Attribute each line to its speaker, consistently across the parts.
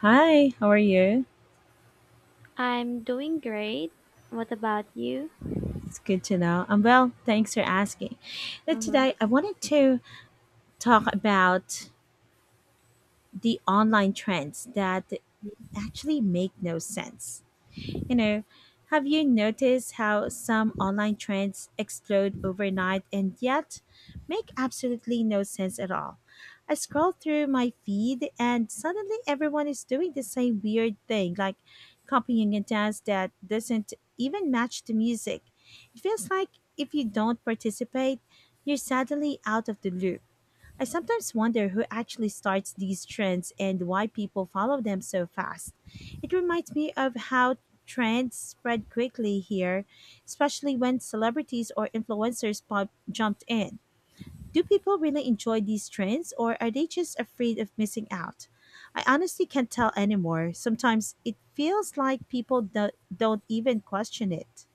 Speaker 1: Hi, how are you?
Speaker 2: I'm doing great. What about you?
Speaker 1: It's good to know. I'm well, thanks for asking. Now,
Speaker 2: hmm
Speaker 1: today, I wanted to talk about the online trends that actually make no sense. You know, have you noticed how some online trends explode overnight and yet make absolutely no sense at all? I scroll through my feed and suddenly everyone is doing the same weird thing, like copying a dance that doesn't even match the music. It feels like if you don't participate, you're suddenly out of the loop. I sometimes wonder who actually starts these trends and why people follow them so fast. It reminds me of how trends spread quickly here, especially when celebrities or influencers jumped in. Do people really enjoy these trends or are they just afraid of missing out? I honestly can't tell anymore. Sometimes it feels like people don't even question it.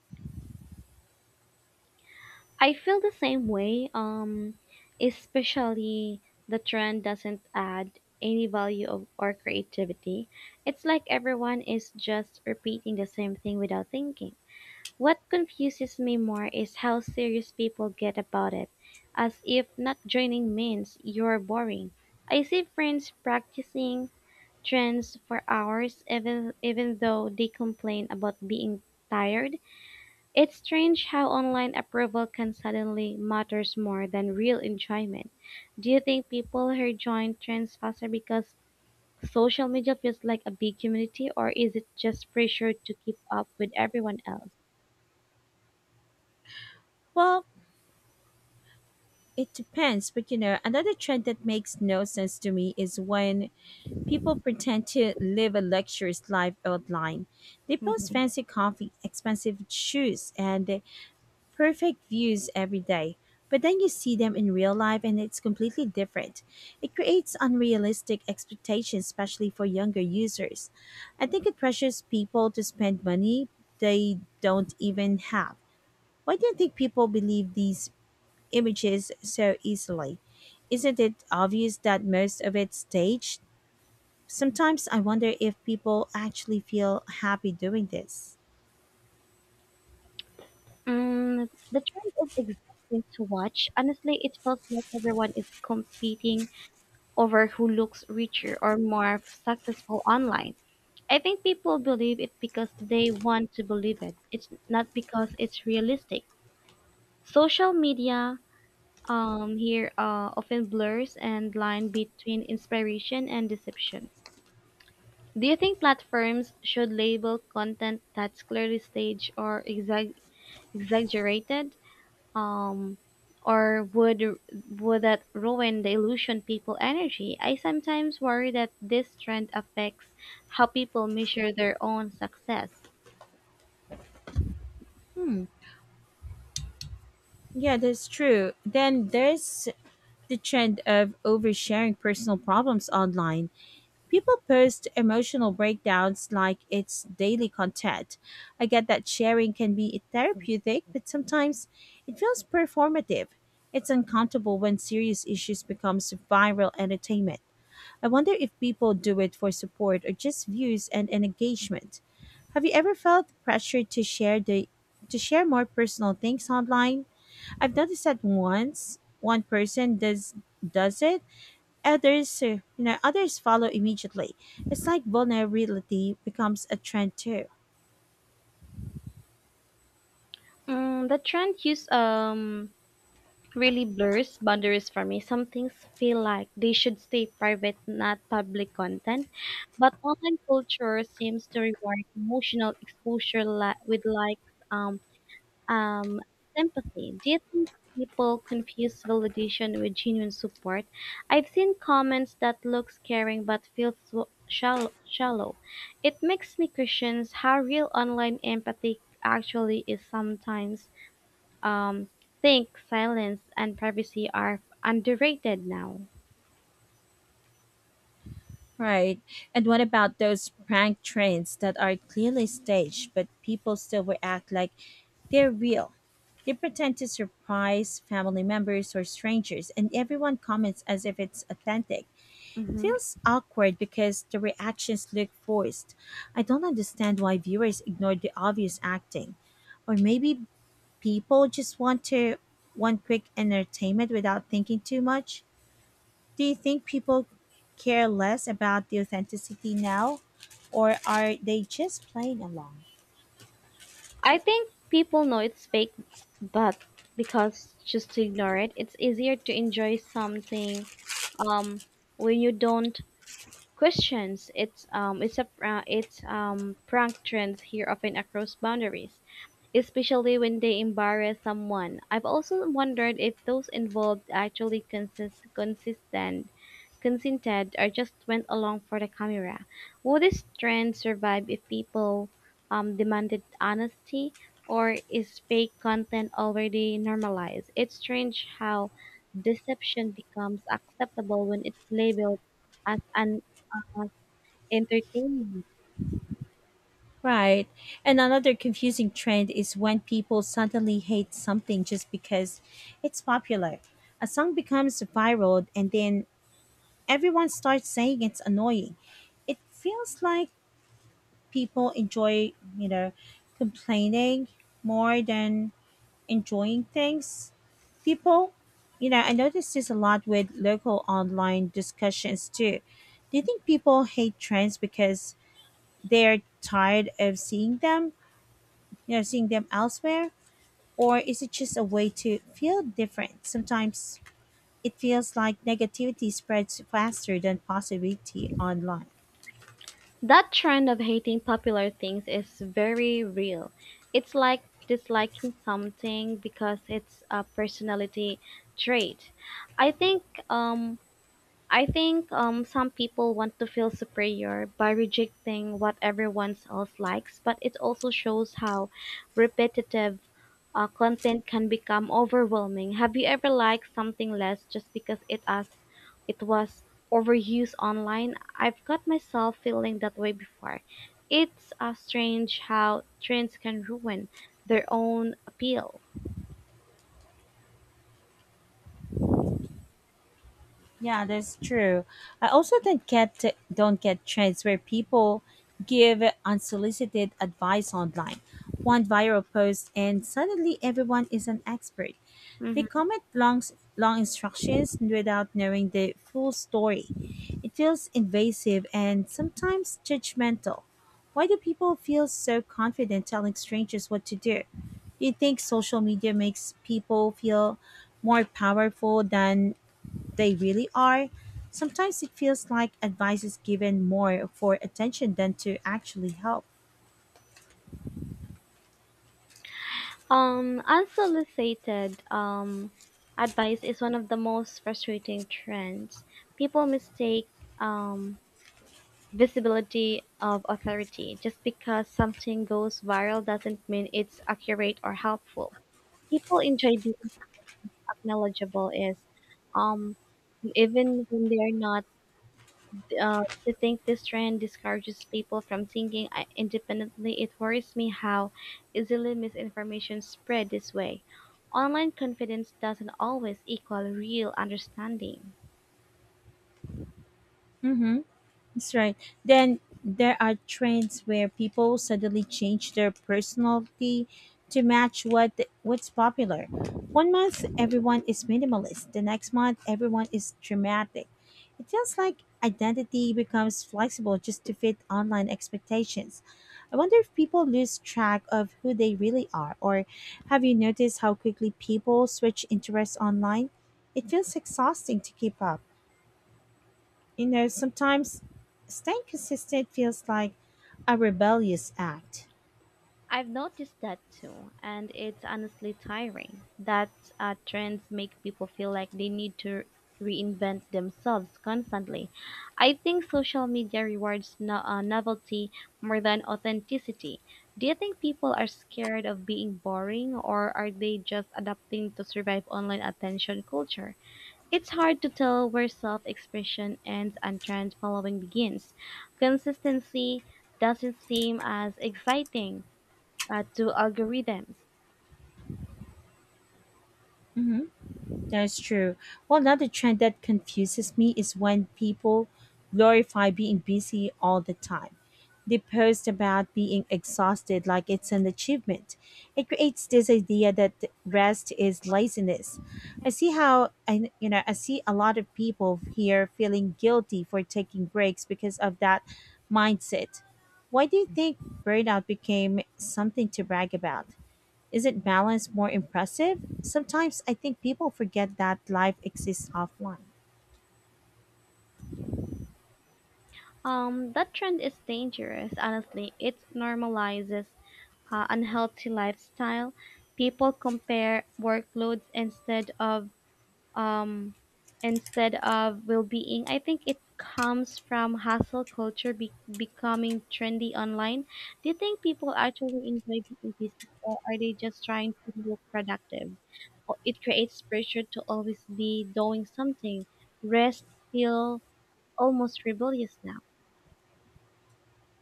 Speaker 2: I feel the same way. Especially the trend doesn't add any value of or creativity. It's like everyone is just repeating the same thing without thinking. What confuses me more is how serious people get about it, as if not joining means you're boring. I see friends practicing trends for hours even though they complain about being tired. It's strange how online approval can suddenly matters more than real enjoyment. Do you think people here join trends faster because social media feels like a big community, or is it just pressure to keep up with everyone else?
Speaker 1: Well, it depends, but you know, another trend that makes no sense to me is when people pretend to live a luxurious life online. They post fancy coffee, expensive shoes, and the perfect views every day. But then you see them in real life and it's completely different. It creates unrealistic expectations, especially for younger users. I think it pressures people to spend money they don't even have. Why do you think people believe these images so easily? Isn't it obvious that most of it's staged? Sometimes I wonder if people actually feel happy doing this.
Speaker 2: The trend is exhausting to watch. Honestly, it feels like everyone is competing over who looks richer or more successful online. I think people believe it because they want to believe it. It's not because it's realistic. Social media here often blurs and line between inspiration and deception. Do you think platforms should label content that's clearly staged or exaggerated, um, or would that ruin the illusion people energy? I sometimes worry that this trend affects how people measure their own success.
Speaker 1: Yeah, that's true. Then there's the trend of oversharing personal problems online. People post emotional breakdowns like it's daily content. I get that sharing can be therapeutic, but sometimes it feels performative. It's uncomfortable when serious issues becomes viral entertainment. I wonder if people do it for support or just views and an engagement. Have you ever felt pressure to share more personal things online? I've noticed that once one person does it, others others follow immediately. It's like vulnerability becomes a trend too.
Speaker 2: Mm, the trend use really blurs boundaries for me. Some things feel like they should stay private, not public content. But online culture seems to reward emotional exposure with likes, um, sympathy. Do you think people confuse validation with genuine support? I've seen comments that looks caring but feels shallow. Shallow. It makes me question how real online empathy actually is sometimes um, think silence and privacy are underrated now.
Speaker 1: Right. And what about those prank trains that are clearly staged, but people still react like they're real? They pretend to surprise family members or strangers, and everyone comments as if it's authentic. It
Speaker 2: Mm-hmm.
Speaker 1: feels awkward because the reactions look forced. I don't understand why viewers ignore the obvious acting. Or maybe people just want to want quick entertainment without thinking too much. Do you think people care less about the authenticity now, or are they just playing along?
Speaker 2: I think people know it's fake, but because just to ignore it, it's easier to enjoy something um, when you don't questions. It's prank trends here often across boundaries, especially when they embarrass someone. I've also wondered if those involved actually consist consistent consented or just went along for the camera. Will this trend survive if people demanded honesty, or is fake content already normalized? It's strange how deception becomes acceptable when it's labeled as an as entertainment.
Speaker 1: Right. And another confusing trend is when people suddenly hate something just because it's popular. A song becomes viral and then everyone starts saying it's annoying. It feels like people enjoy, you know, complaining more than enjoying things. People, I notice this a lot with local online discussions too. Do you think people hate trends because they're tired of seeing them, seeing them elsewhere? Or is it just a way to feel different? Sometimes it feels like negativity spreads faster than positivity online.
Speaker 2: That trend of hating popular things is very real. It's like disliking something because it's a personality trait. I think um, I think some people want to feel superior by rejecting what everyone else likes, but it also shows how repetitive content can become overwhelming. Have you ever liked something less just because it was overused online? I've got myself feeling that way before. It's strange how trends can ruin their own appeal.
Speaker 1: Yeah, that's true. I also don't get trends where people give unsolicited advice online. One viral post and suddenly everyone is an expert. They
Speaker 2: Mhm.
Speaker 1: comment long instructions without knowing the full story. It feels invasive and sometimes judgmental. Why do people feel so confident telling strangers what to do? Do you think social media makes people feel more powerful than they really are? Sometimes it feels like advice is given more for attention than to actually help.
Speaker 2: Unsolicited advice is one of the most frustrating trends. People mistake um, visibility of authority. Just because something goes viral doesn't mean it's accurate or helpful. People enjoy being acknowledgeable is um, even when they're not. To think this trend discourages people from thinking independently, it worries me how easily misinformation spread this way. Online confidence doesn't always equal real understanding.
Speaker 1: Mm-hmm. That's right. Then there are trends where people suddenly change their personality to match what's popular. One month everyone is minimalist, the next month everyone is dramatic. It feels like identity becomes flexible just to fit online expectations. I wonder if people lose track of who they really are, or have you noticed how quickly people switch interests online? It feels exhausting to keep up. You know, sometimes staying consistent feels like a rebellious act.
Speaker 2: I've noticed that too, and it's honestly tiring that trends make people feel like they need to reinvent themselves constantly. I think social media rewards novelty more than authenticity. Do you think people are scared of being boring, or are they just adapting to survive online attention culture? It's hard to tell where self expression ends and trend following begins. Consistency doesn't seem as exciting to algorithms.
Speaker 1: That's true. Well, another trend that confuses me is when people glorify being busy all the time. They post about being exhausted like it's an achievement. It creates this idea that rest is laziness. I see how I you know I see a lot of people here feeling guilty for taking breaks because of that mindset. Why do you think burnout became something to brag about? Isn't balance more impressive? Sometimes I think people forget that life exists offline.
Speaker 2: That trend is dangerous, honestly. It normalizes unhealthy lifestyle. People compare workloads um, instead of well-being. I think it comes from hustle culture becoming trendy online. Do you think people actually enjoy being busy, or are they just trying to look productive? Or it creates pressure to always be doing something. Rest feel almost rebellious now.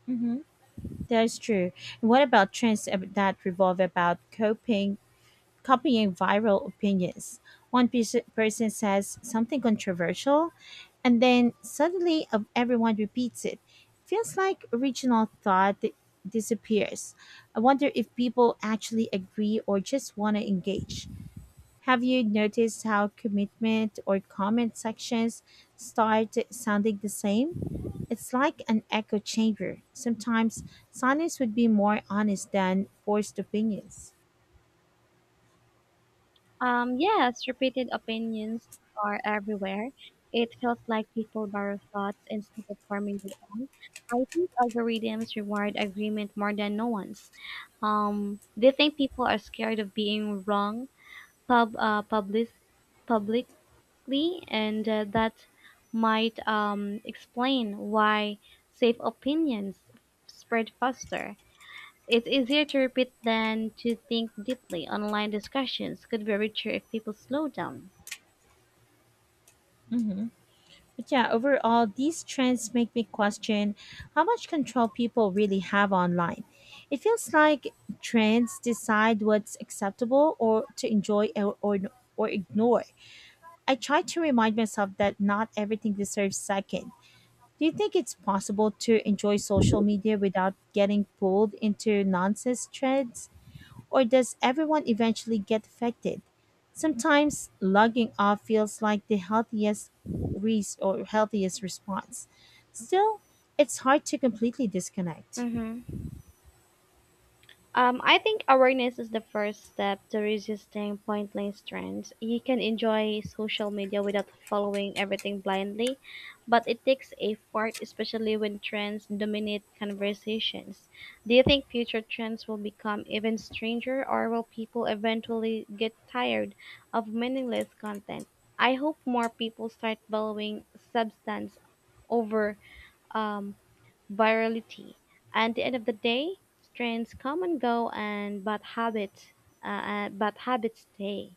Speaker 1: Mm-hmm. That's true. And what about trends that revolve about coping, copying viral opinions? Person says something controversial, and then suddenly of everyone repeats it. Feels like original disappears. I wonder if people actually agree or just want to engage. Have you noticed how commitment or comment sections start sounding the same? It's like an echo chamber. Sometimes silence would be more honest than forced opinions.
Speaker 2: Yes, repeated opinions are everywhere. It feels like people borrow thoughts instead of forming their own. I think algorithms reward agreement more than no one's. They think people are scared of being wrong pub, uh, public, publicly, and that might explain why safe opinions spread faster. It's easier to repeat than to think deeply. Online discussions could be richer if people slow down.
Speaker 1: Hmm. But yeah, overall, these trends make me question how much control people really have online. It feels like trends decide what's acceptable or to enjoy or ignore. I try to remind myself that not everything deserves second. Do you think it's possible to enjoy social media without getting pulled into nonsense threads? Or does everyone eventually get affected? Sometimes logging off feels like the healthiest response. Still, it's hard to completely disconnect.
Speaker 2: Mm-hmm. I think awareness is the first step to resisting pointless trends. You can enjoy social media without following everything blindly, but it takes effort, especially when trends dominate conversations. Do you think future trends will become even stranger, or will people eventually get tired of meaningless content? I hope more people start valuing substance over um, virality. At the end of the day, trends come and go, and but habits stay.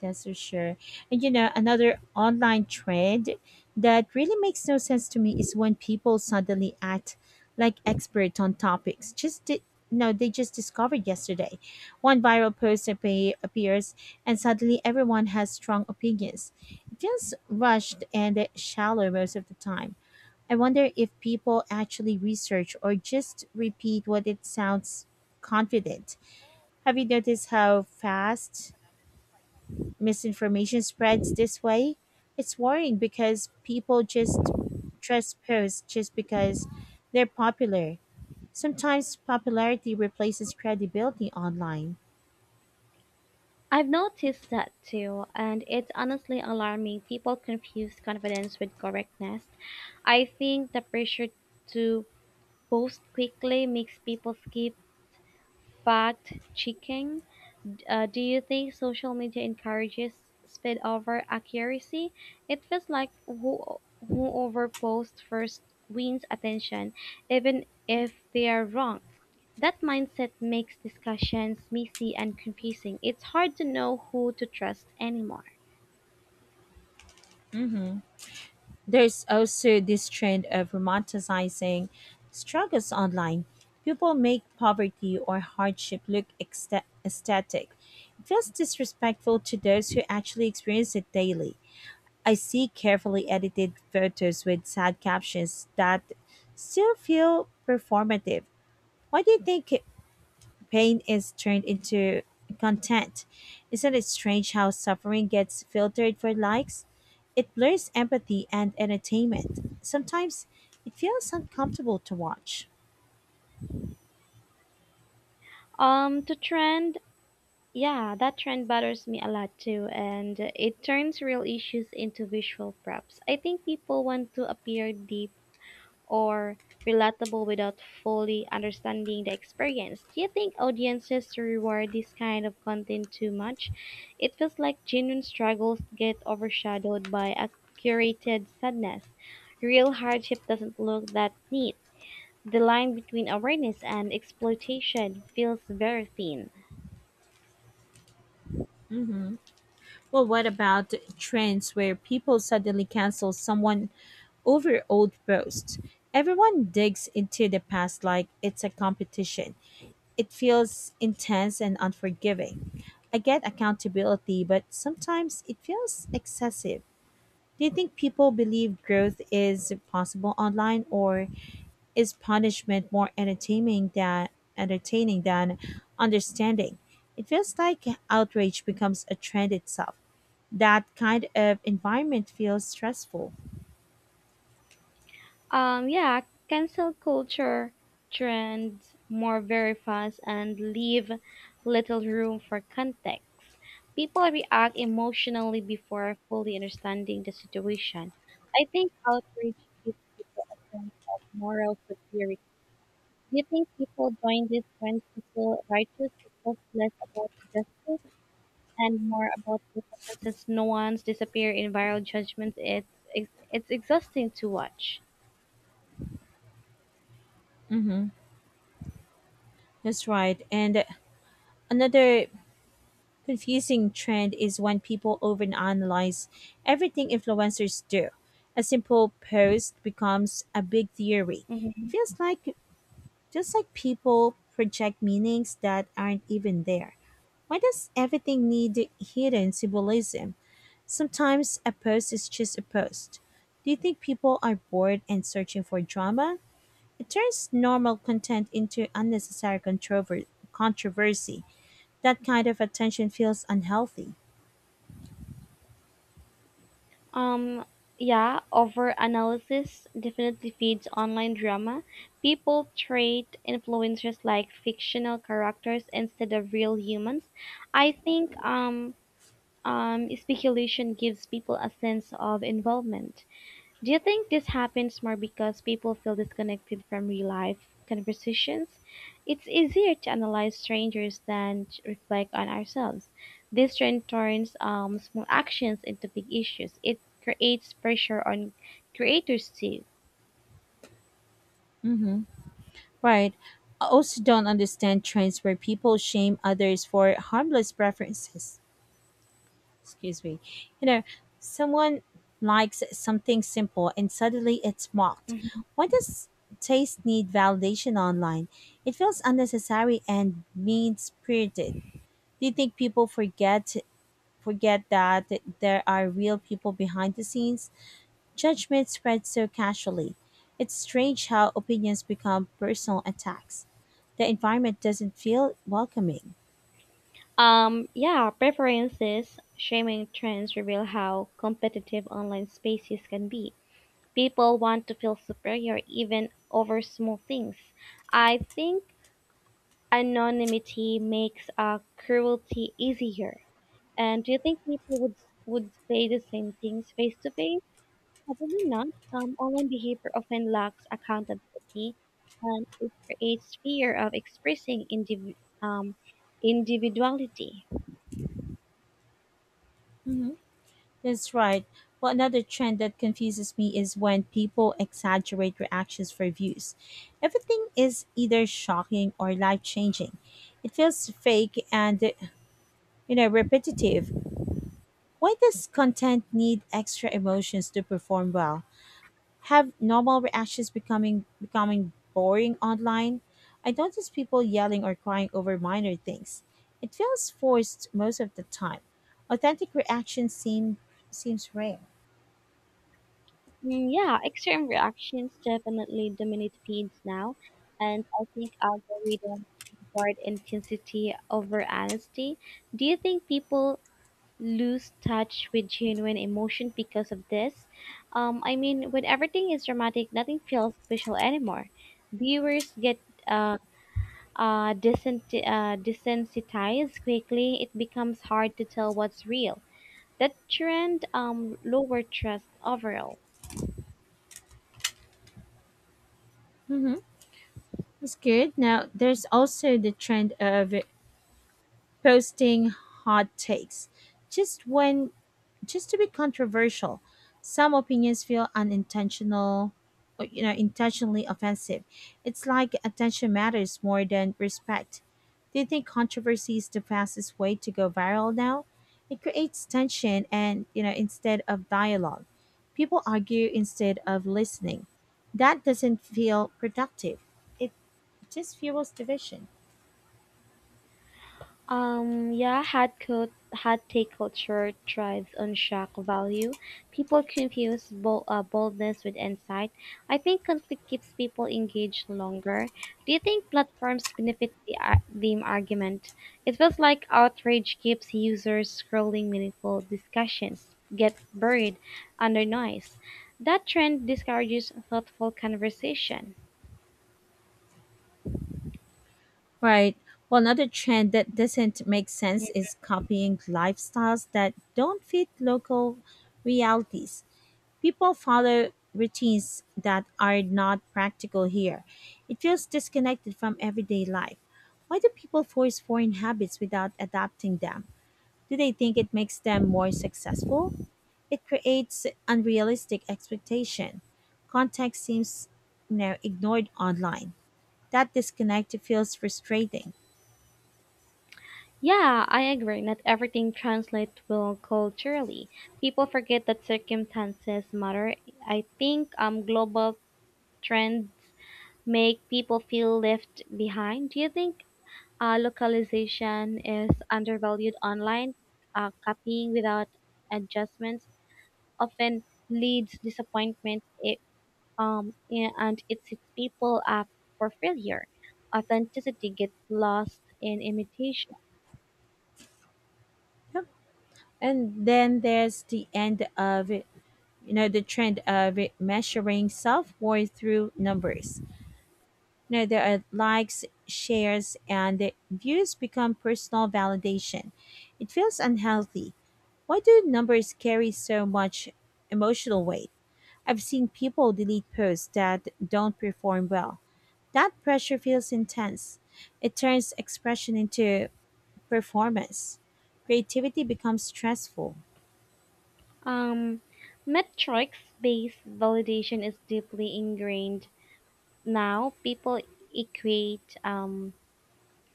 Speaker 1: That's for sure. And you know, another online trend that really makes no sense to me is when people suddenly act like experts on topics. Just di- no, They just discovered yesterday. One appears, and suddenly everyone has strong opinions. It feels rushed and shallow most of the time. I wonder if people actually research or just repeat what it sounds confident. Have you noticed how fast misinformation spreads this way? It's worrying because people just trust posts just because they're popular. Sometimes popularity replaces credibility online.
Speaker 2: I've noticed that too, and it's honestly alarming. People confuse confidence with correctness. I think the pressure to post quickly makes people skip fact checking. Do you think social media encourages speed over accuracy? It feels like whoever posts first wins attention, even if they are wrong. That mindset makes discussions messy and confusing. It's hard to know who to trust anymore.
Speaker 1: There's also this trend of romanticizing struggles online. People make poverty or hardship look aesthetic. It feels disrespectful to those who actually experience it daily. I see carefully edited photos with sad captions that still feel performative. Why do you think pain is turned into content? Isn't it strange how suffering gets filtered for likes? It blurs empathy and entertainment. Sometimes it feels uncomfortable to watch.
Speaker 2: Um, to trend, yeah, that trend bothers me a lot too, and it turns real issues into visual props. I think people want to appear deep or relatable without fully understanding the experience. Do you think audiences reward this kind of content too much? It feels like genuine struggles get overshadowed by a curated sadness. Real hardship doesn't look that neat. The line between awareness and exploitation feels very thin.
Speaker 1: Hmm. Well, what about trends where people suddenly cancel someone over old posts? Everyone digs into the past like it's a competition. It feels intense and unforgiving. I get accountability, but sometimes it feels excessive. Do you think people believe growth is possible online, or is punishment more entertaining than understanding? It feels like outrage becomes a trend itself. That kind of environment feels stressful.
Speaker 2: Yeah, cancel culture trends more very fast and leave little room for context. People react emotionally before fully understanding the situation. I think outrage gives people a sense of moral superiority. Do you think people join these trends to feel righteous? It was less about justice and more about performance. Since no one's disappear in viral judgments, it's exhausting to watch.
Speaker 1: Mm-hmm. That's right. And another confusing trend is when people overanalyze everything influencers do. A simple post becomes a big theory. It
Speaker 2: Mhm.
Speaker 1: feels like just like people project meanings that aren't even there. Why does everything need hidden symbolism? Sometimes a post is just a post. Do you think people are bored and searching for drama? It turns normal content into controversy. That kind of attention feels unhealthy.
Speaker 2: Um, yeah, over analysis definitely feeds online drama. People treat influencers like fictional characters instead of real humans. I think speculation gives people a sense of involvement. Do you think this happens more because people feel disconnected from real life conversations? It's easier to analyze strangers than to reflect on ourselves. This trend turns small actions into big issues. It creates pressure on creators too.
Speaker 1: Mm-hmm. Right. I also don't understand trends where people shame others for harmless preferences. Excuse me. You know, someone likes something simple and suddenly it's mocked.
Speaker 2: Mhm.
Speaker 1: Why does taste need validation online? It feels unnecessary and mean spirited. Do you think people forget that there are real people behind the scenes? Judgment spreads so casually. It's strange how opinions become personal attacks. The environment doesn't feel welcoming.
Speaker 2: Yeah, preferences, shaming trends reveal how competitive online spaces can be. People want to feel superior even over small things. I think anonymity makes cruelty easier. And do you think people would say the same things face to face? Probably not. Online behavior often lacks accountability, and it creates fear of expressing um, individuality.
Speaker 1: Hmm. That's right. Well, another trend that confuses me is when people exaggerate reactions for views. Everything is either shocking or life changing. It feels fake and, you know, repetitive. Why does content need extra emotions to perform well? Have normal reactions becoming becoming boring online? I notice people yelling or crying over minor things. It feels forced most of the time. Authentic reactions seem seems rare.
Speaker 2: Yeah, extreme reactions definitely dominate feeds now, and I think algorithms reward intensity over honesty. Do you think people lose touch with genuine emotion because of this? I mean, when everything is dramatic, nothing feels special anymore. Viewers get uh, desensitized quickly. It becomes hard to tell what's real. That trend lower trust overall.
Speaker 1: Mm-hmm. It's good. Now there's also the trend of posting hot takes just when just to be controversial. Some opinions feel unintentional, or, you know, intentionally offensive. It's like attention matters more than respect. Do you think controversy is the fastest way to go viral now? It creates tension and, you know, instead of dialogue. People argue instead of listening. That doesn't feel productive. It just fuels division.
Speaker 2: Yeah, hard take culture thrives on shock value. People confuse boldness with insight. I think conflict keeps people engaged longer. Do you think platforms benefit the theme argument? It feels like outrage keeps users scrolling meaningful discussions get buried under noise. That trend discourages thoughtful conversation.
Speaker 1: Right. Well, another trend that doesn't make sense is copying lifestyles that don't fit local realities. People follow routines that are not practical here. It feels disconnected from everyday life. Why do people force foreign habits without adapting them? Do they think it makes them more successful? It creates unrealistic expectation. Context seems, you know, ignored online. That disconnect feels frustrating.
Speaker 2: Yeah, I agree. Not everything translates well culturally. People forget that circumstances matter. I think global trends make people feel left behind. Do you think localization is undervalued online? Copying without adjustments often leads disappointment. And it sets people up for failure. Authenticity gets lost in imitation.
Speaker 1: And then there's the end of it, you know, the trend of it measuring self worth through numbers. You know, there are likes, shares, and the views become personal validation. It feels unhealthy. Why do numbers carry so much emotional weight? I've seen people delete posts that don't perform well. That pressure feels intense. It turns expression into performance. Creativity becomes stressful.
Speaker 2: Um, Metrics-based validation is deeply ingrained now. People equate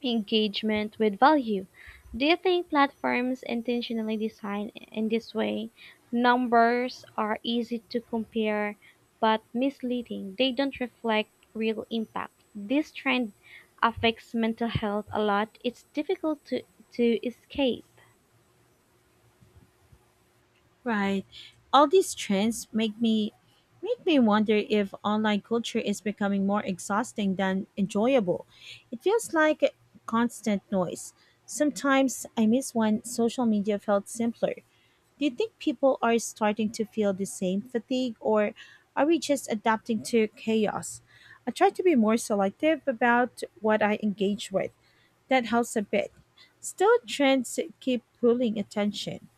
Speaker 2: engagement with value. Do you think platforms intentionally design in this way? Numbers are easy to compare, but misleading. They don't reflect real impact. This trend affects mental health a lot. It's difficult to escape.
Speaker 1: Right. All these trends make me wonder if online culture is becoming more exhausting than enjoyable. It feels like a constant noise. Sometimes I miss when social media felt simpler. Do you think people are starting to feel the same fatigue, or are we just adapting to chaos? I try to be more selective about what I engage with. That helps a bit. Still, trends keep pulling attention.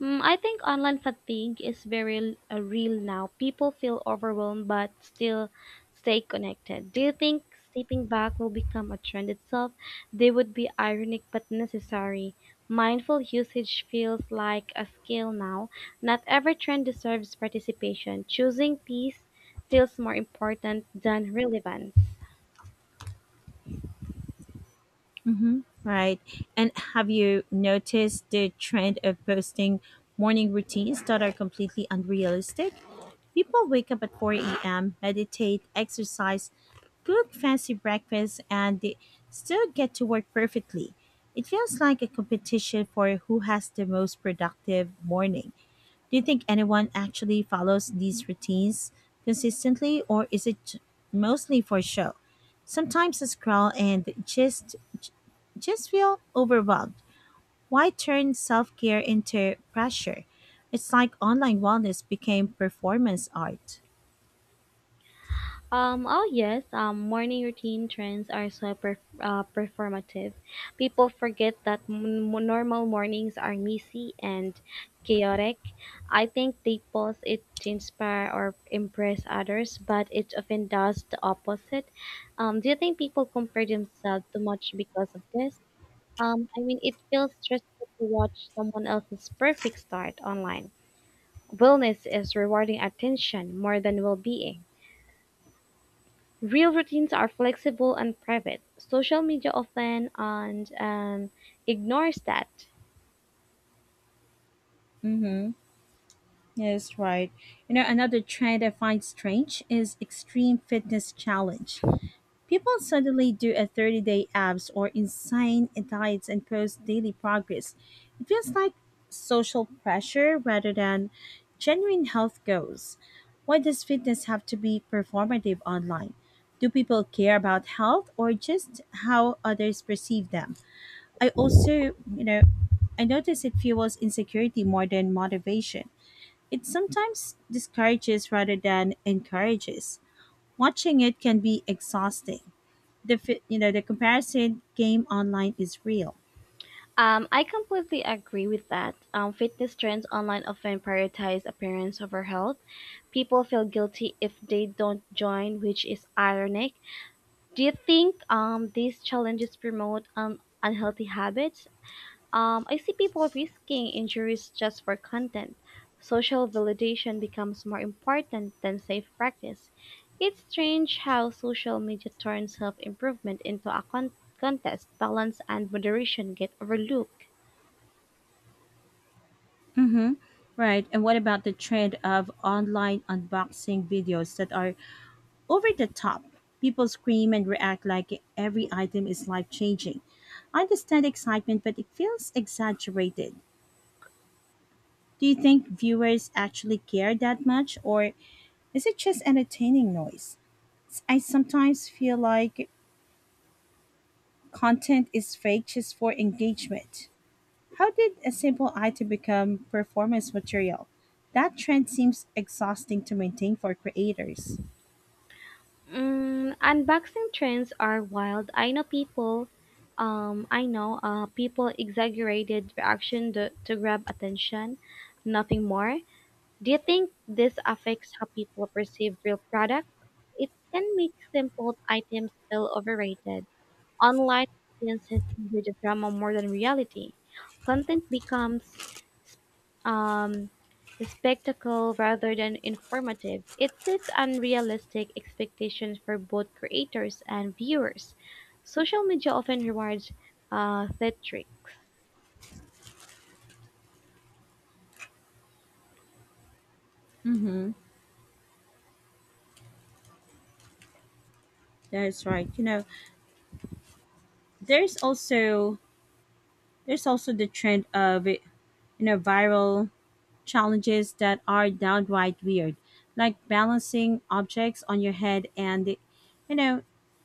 Speaker 2: I think online fatigue is very real now. People feel overwhelmed but still stay connected. Do you think stepping back will become a trend itself? They would be ironic but necessary. Mindful usage feels like a skill now. Not every trend deserves participation. Choosing peace feels more important than relevance.
Speaker 1: Mm-hmm. Right. And have you noticed the trend of posting morning routines that are completely unrealistic? People wake up at 4 a.m., meditate, exercise, cook fancy breakfast, and they still get to work perfectly. It feels like a competition for who has the most productive morning. Do you think anyone actually follows these routines consistently, or is mostly for show? Sometimes I scroll and just feel overwhelmed. Why turn self care into pressure? It's like online wellness became performance art.
Speaker 2: Oh yes, morning routine trends are so performative. People forget that normal mornings are messy and chaotic. I think they post it to inspire or impress others, but it often does the opposite. Do you think people compare themselves too much because of this? I mean, it feels stressful to watch someone else's perfect start online. Wellness is rewarding attention more than well-being. Real routines are flexible and private. Social media often and ignores that.
Speaker 1: Mm-hmm. Yes, right. You know, another trend I find strange is extreme fitness challenge. People suddenly do a 30-day abs or insane diets and post daily progress. It feels like social pressure rather than genuine health goals. Why does fitness have to be performative online? Do people care about health, or just how others perceive them? I also, you know, I notice it fuels insecurity more than motivation. It sometimes discourages rather than encourages. Watching it can be exhausting. You know, the comparison game online is real.
Speaker 2: I completely agree with that. Fitness trends online often prioritize appearance over health. People feel guilty if they don't join, which is ironic. Do you think these challenges promote unhealthy habits? I see people risking injuries just for content. Social validation becomes more important than safe practice. It's strange how social media turns self improvement into a contest. Balance and moderation get overlooked.
Speaker 1: Mm-hmm. Right. And what about the trend of online unboxing videos that are over the top? People scream and react like every item is life changing. I understand excitement, but it feels exaggerated. Do you think viewers actually care that much, or is it just entertaining noise? I sometimes feel like content is fake just for engagement. How did a simple item become performance material? That trend seems exhausting to maintain for creators.
Speaker 2: Unboxing trends are wild. I know people exaggerated reaction to grab attention, nothing more. Do you think this affects how people perceive real products? It can make simple items feel overrated. Online audiences enjoy the drama more than reality. Content becomes um, a spectacle rather than informative. It sets unrealistic expectations for both creators and viewers. Social media often rewards theatrics.
Speaker 1: Mm-hmm. That's right. You know, there's also there's also the trend of, you know, viral challenges that are downright weird, like balancing objects on your head and, you know,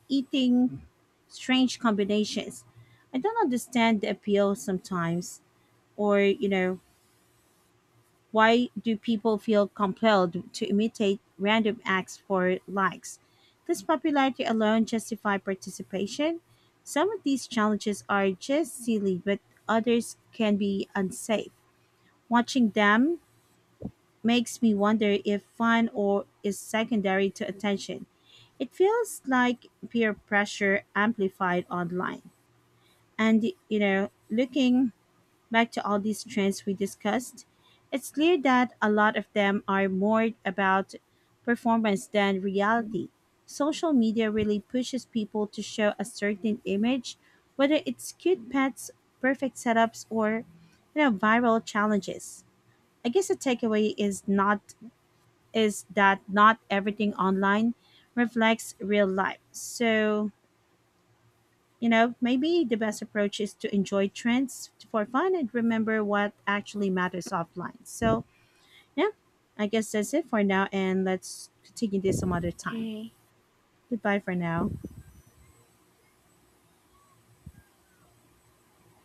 Speaker 1: eating strange combinations. I don't understand the appeal sometimes, or, you know. Why do people feel compelled to imitate random acts for likes? Does popularity alone justify participation? Some of these challenges are just silly, but others can be unsafe. Watching them makes me wonder if fun or is secondary to attention. It feels like peer pressure amplified online. And, you know, looking back to all these trends we discussed, it's clear that a lot of them are more about performance than reality. Social media really pushes people to show a certain image, whether it's cute pets, perfect setups, or, you know, viral challenges. I guess the takeaway is that not everything online reflects real life. So, you know, maybe the best approach is to enjoy trends for fun and remember what actually matters offline. So, yeah, I guess that's it for now, and let's continue this some other time.
Speaker 2: Okay.
Speaker 1: Goodbye for now.